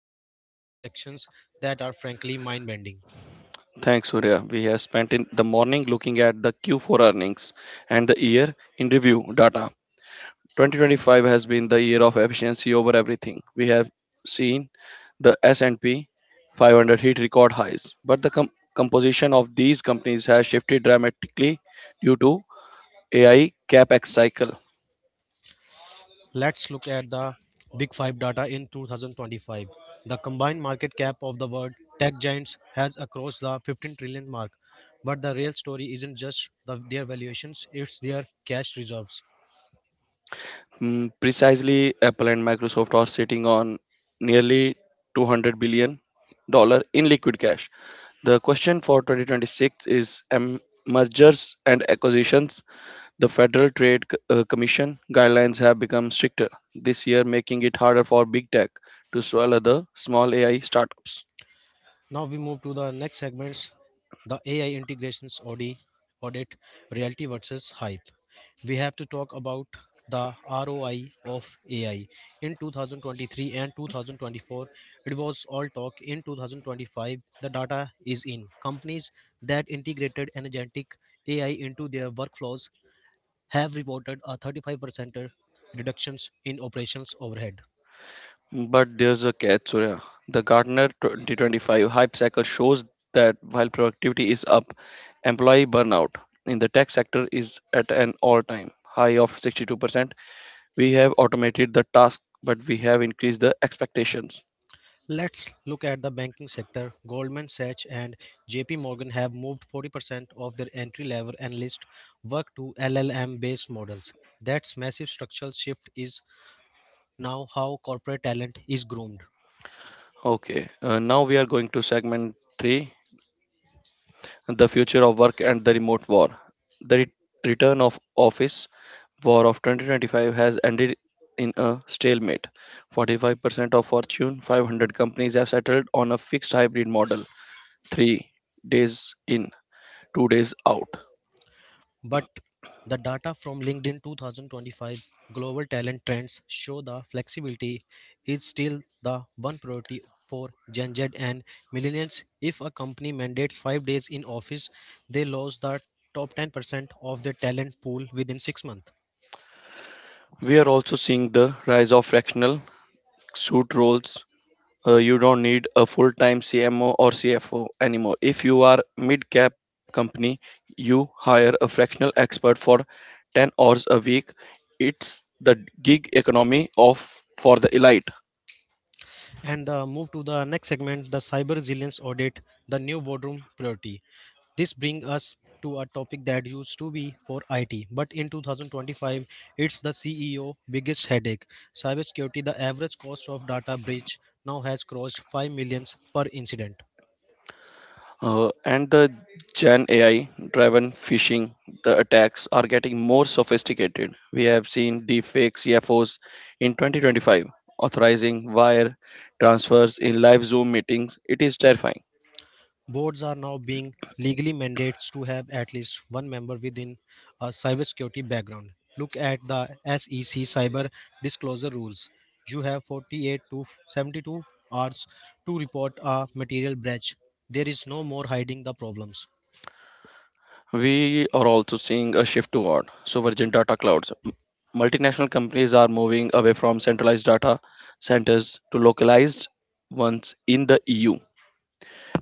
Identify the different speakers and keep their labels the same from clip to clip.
Speaker 1: 2026 projections that are frankly mind-bending.
Speaker 2: Thanks, Surya. We have spent in the morning looking at the Q4 earnings and the year in review data. 2025 has been the year of efficiency over everything. We have seen the S&P 500 hit record highs, but the composition of these companies has shifted dramatically due to AI capex cycle.
Speaker 1: Let's look at the Big Five data in 2025. The combined market cap of the world tech giants has crossed the 15 trillion mark. But the real story isn't just their valuations, it's their cash reserves.
Speaker 2: Precisely, Apple and Microsoft are sitting on nearly $200 billion in liquid cash. The question for 2026 is mergers and acquisitions. The Federal Trade Commission guidelines have become stricter this year, making it harder for big tech to swallow the small AI startups.
Speaker 1: Now we move to the next segments, the AI integrations audit, reality versus hype. We have to talk about the ROI of AI. In 2023 and 2024, it was all talk. In 2025, the data is in. Companies that integrated energetic AI into their workflows have reported a 35% reductions in operations overhead.
Speaker 2: But there's a catch, Surya. The Gartner 2025 hype cycle shows that while productivity is up, employee burnout in the tech sector is at an all-time high of 62%. We have automated the task, but we have increased the expectations.
Speaker 1: Let's look at the banking sector. Goldman Sachs and JP Morgan have moved 40% of their entry level analyst work to LLM based models. That massive structural shift is now how corporate talent is groomed.
Speaker 2: Okay, now we are going to segment 3, the future of work and the remote war. The return of office war of 2025 has ended in a stalemate. 45% of Fortune 500 companies have settled on a fixed hybrid model, 3 days in, 2 days out.
Speaker 1: But the data from LinkedIn 2025 Global Talent Trends show the flexibility is still the one priority for Gen Z and millennials. If a company mandates 5 days in office, they lose the top 10% of their talent pool within 6 months.
Speaker 2: We are also seeing the rise of fractional suit roles. You don't need a full-time CMO or CFO anymore. If you are mid-cap company, you hire a fractional expert for 10 hours a week. It's the gig economy of for the elite.
Speaker 1: And move to the next segment, the cyber resilience audit, the new boardroom priority. This brings us to a topic that used to be for IT, but in 2025, it's the CEO biggest headache. Cybersecurity, the average cost of data breach now has crossed 5 millions per incident.
Speaker 2: And the Gen AI driven phishing, the attacks are getting more sophisticated. We have seen deepfake CFOs in 2025 authorizing wire transfers in live Zoom meetings. It is terrifying.
Speaker 1: Boards are now being legally mandated to have at least one member within a cybersecurity background. Look at the SEC cyber disclosure rules. You have 48 to 72 hours to report a material breach. There is no more hiding the problems.
Speaker 2: We are also seeing a shift toward sovereign data clouds. Multinational companies are moving away from centralized data centers to localized ones in the EU.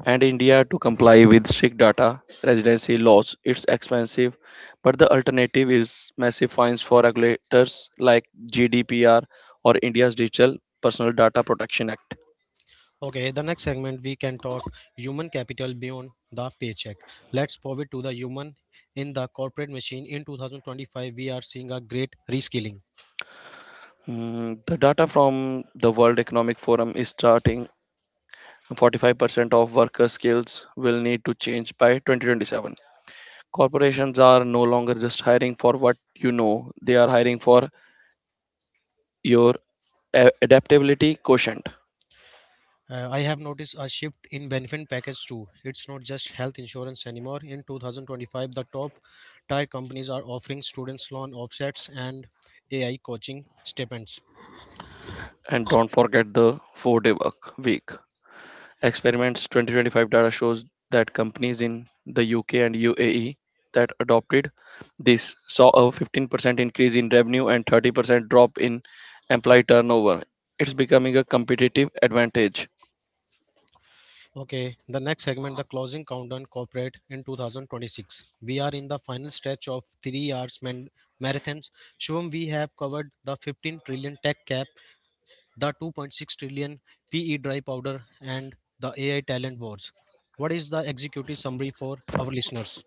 Speaker 2: And India, to comply with strict data residency laws, it's expensive, but the alternative is massive fines for regulators like GDPR or India's Digital Personal Data Protection Act.
Speaker 1: Okay, the next segment we can talk human capital beyond the paycheck. Let's pivot to the human in the corporate machine. In 2025, we are seeing a great reskilling.
Speaker 2: The data from the World Economic Forum is starting 45% of worker skills will need to change by 2027. Corporations are no longer just hiring for what you know, they are hiring for your adaptability quotient.
Speaker 1: I have noticed a shift in benefit package too. It's not just health insurance anymore. In 2025, the top tier companies are offering students loan offsets and AI coaching stipends.
Speaker 2: And don't forget the 4 day work week. Experiments 2025 data shows that companies in the UK and UAE that adopted this saw a 15% increase in revenue and 30% drop in employee turnover. It's becoming a competitive advantage.
Speaker 1: Okay, the next segment, the closing countdown corporate in 2026. We are in the final stretch of 3 hours marathons. Shubham, we have covered the 15 trillion tech cap, the 2.6 trillion PE dry powder, and the AI talent wars. What is the executive summary for our listeners?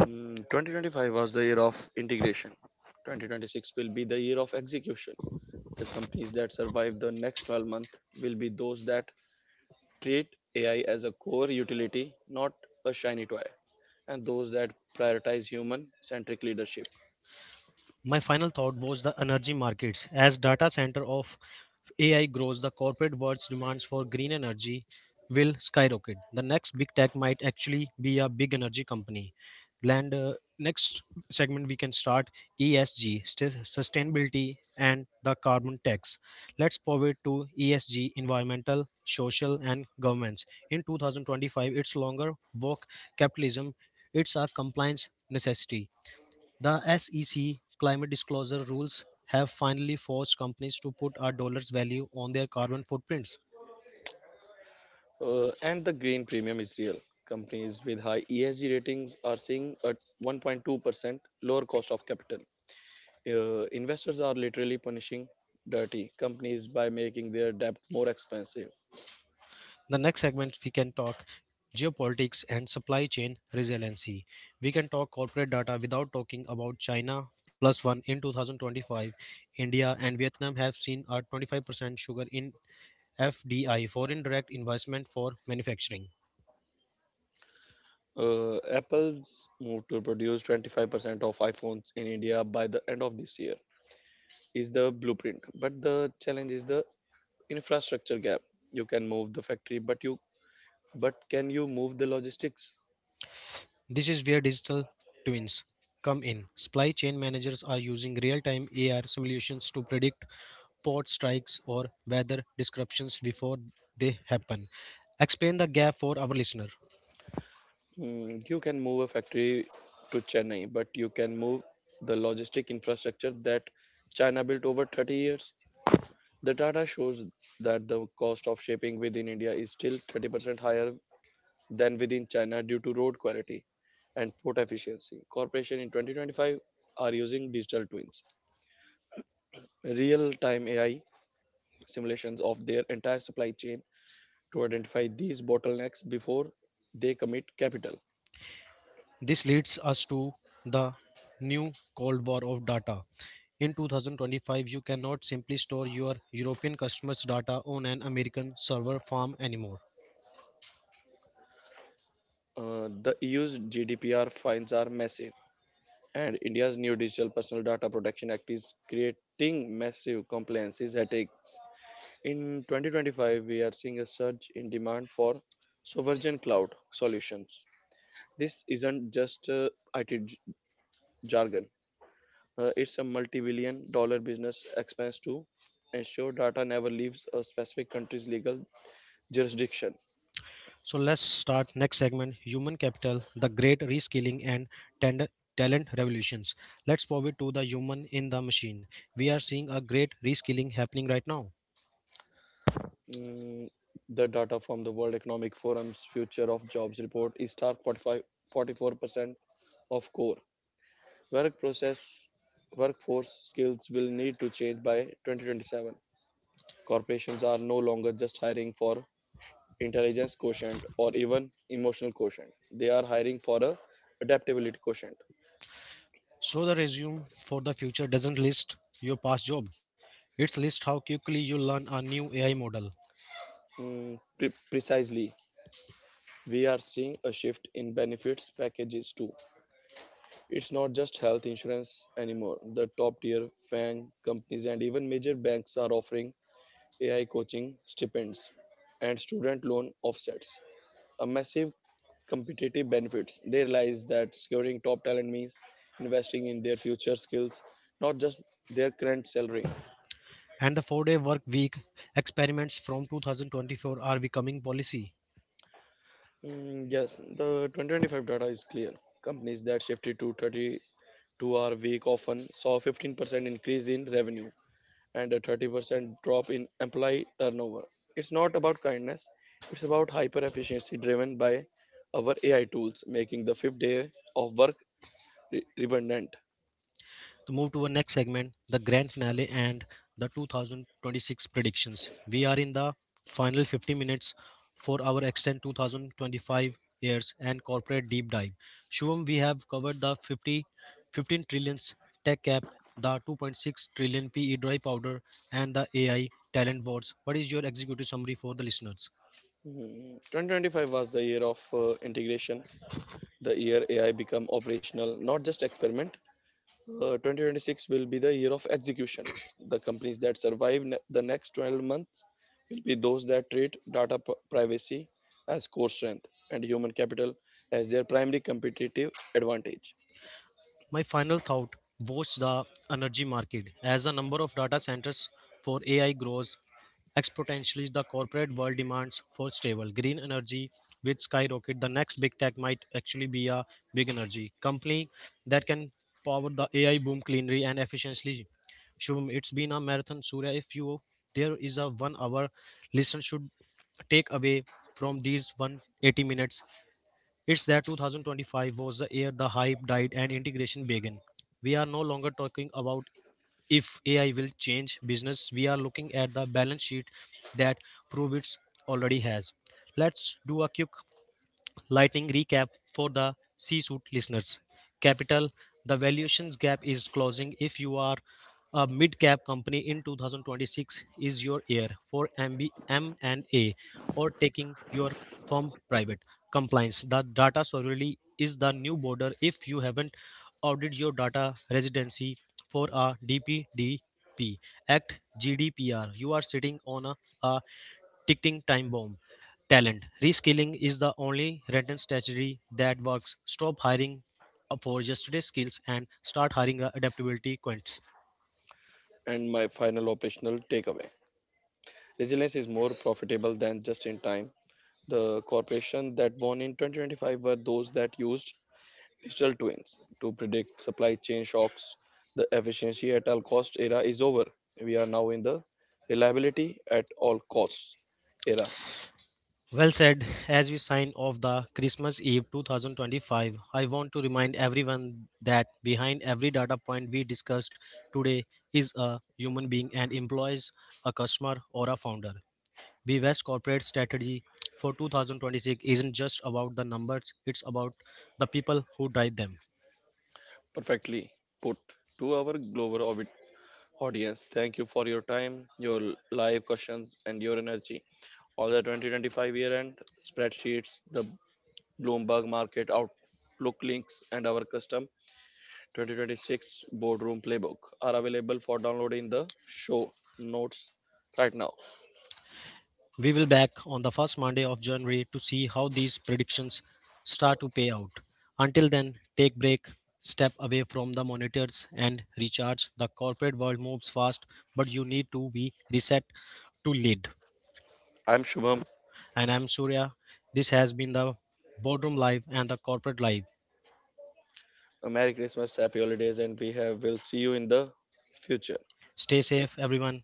Speaker 2: 2025 was the year of integration. 2026 will be the year of execution. The companies that survive the next 12 months will be those that treat AI as a core utility, not a shiny toy, and those that prioritize human centric leadership.
Speaker 1: My final thought was the energy markets. As data center of AI grows, the corporate world's demands for green energy will skyrocket. The next big tech might actually be a big energy company. Land next segment we can start ESG, sustainability and the carbon tax. Let's pivot to ESG, environmental, social and governance. In 2025, it's longer woke capitalism. It's a compliance necessity. The SEC climate disclosure rules have finally forced companies to put a dollar's value on their carbon footprints.
Speaker 2: And the green premium is real. Companies with high ESG ratings are seeing a 1.2% lower cost of capital. Investors are literally punishing dirty companies by making their debt more expensive.
Speaker 1: The next segment, we can talk geopolitics and supply chain resiliency. We can talk corporate data without talking about China plus one in 2025. India and Vietnam have seen a 25% sugar in FDI, foreign direct investment for manufacturing.
Speaker 2: Apple's move to produce 25% of iPhones in India by the end of this year is the blueprint. But the challenge is the infrastructure gap. You can move the factory, but can you move the logistics?
Speaker 1: This is where digital twins come in. Supply chain managers are using real time AR simulations to predict port strikes or weather disruptions before they happen. Explain the gap for our listener.
Speaker 2: You can move a factory to Chennai, but you can move the logistic infrastructure that China built over 30 years. The data shows that the cost of shipping within India is still 30% higher than within China due to road quality and port efficiency. Corporations in 2025 are using digital twins, real-time AI simulations of their entire supply chain to identify these bottlenecks before they commit capital.
Speaker 1: This leads us to the new Cold War of data. In 2025, you cannot simply store your European customers' data on an American server farm anymore.
Speaker 2: The EU's GDPR fines are massive, and India's new Digital Personal Data Protection Act is creating massive compliances headaches. In 2025, we are seeing a surge in demand for sovereign cloud solutions. This isn't just IT jargon. It's a multi-billion dollar business expense to ensure data never leaves a specific country's legal jurisdiction.
Speaker 1: So let's start next segment human capital, the great reskilling and tend- talent revolutions. Let's pivot to the human in the machine. We are seeing a great reskilling happening right now.
Speaker 2: Mm, the data from the World Economic Forum's Future of Jobs report is stark, 45, 44% of core work process workforce skills will need to change by 2027. Corporations are no longer just hiring for intelligence quotient, or even emotional quotient. They are hiring for a adaptability quotient.
Speaker 1: So the resume for the future doesn't list your past job. It's list how quickly you learn a new AI model.
Speaker 2: Precisely, we are seeing a shift in benefits packages too. It's not just health insurance anymore. The top tier FANG companies and even major banks are offering AI coaching stipends and student loan offsets. A massive competitive benefits. They realize that securing top talent means investing in their future skills, not just their current salary.
Speaker 1: And the 4-day work week experiments from 2024 are becoming policy.
Speaker 2: Mm, yes, the 2025 data is clear. Companies that shifted to 32-hour week often saw 15% increase in revenue and a 30% drop in employee turnover. It's not about kindness, it's about hyper efficiency driven by our AI tools, making the fifth day of work redundant.
Speaker 1: To move to our next segment, the grand finale and the 2026 predictions. We are in the final 50 minutes for our extend 2025 years and corporate deep dive. Shubham, we have covered the 15 trillions tech cap, the 2.6 trillion PE dry powder, and the AI talent boards. What is your executive summary for the listeners?
Speaker 2: 2025 was the year of integration, the year AI become operational, not just experiment. 2026 will be the year of execution. The companies that survive the next 12 months will be those that treat data privacy as core strength and human capital as their primary competitive advantage.
Speaker 1: My final thought was the energy market. As the number of data centers for AI grows exponentially, the corporate world demands for stable green energy with skyrocket. The next big tech might actually be a big energy company that can power the AI boom cleanly and efficiently. Shubham, it's been a marathon. Surya, if you there is a 1 hour listen should take away from these 180 minutes, it's that 2025 was the year the hype died and integration began. We are no longer talking about if AI will change business, we are looking at the balance sheet that Provits already has. Let's do a quick Lightning recap for the C suite listeners. Capital, the valuations gap is closing. If you are a mid cap company in 2026, is your year for M&A or taking your firm private. Compliance, the data sovereignty is the new border. If you haven't audited your data residency for a DPDP Act GDPR, you are sitting on a ticking time bomb talent. Reskilling is the only written strategy that works. Stop hiring for yesterday's skills and start hiring adaptability quints.
Speaker 2: And my final operational takeaway: resilience is more profitable than just in time. The corporation that won in 2025 were those that used digital twins to predict supply chain shocks. The efficiency at all cost era is over. We are now in the reliability at all costs era.
Speaker 1: Well said. As we sign off the Christmas Eve 2025, I want to remind everyone that behind every data point we discussed today is a human being and employees, a customer, or a founder. Be West corporate strategy for 2026 isn't just about the numbers, it's about the people who drive them.
Speaker 2: Perfectly put, to our global orbit audience. Thank you for your time, your live questions, and your energy. All the 2025 year end spreadsheets, the Bloomberg market outlook links, and our custom 2026 boardroom playbook are available for download in the show notes right now.
Speaker 1: We will back on the first Monday of January to see how these predictions start to pay out. Until then, take break, step away from the monitors and recharge. The corporate world moves fast, but you need to be reset to lead.
Speaker 2: I'm Shubham.
Speaker 1: And I'm Surya. This has been the Boardroom Live and the Corporate Live.
Speaker 2: A Merry Christmas, Happy Holidays, and will see you in the future.
Speaker 1: Stay safe, everyone.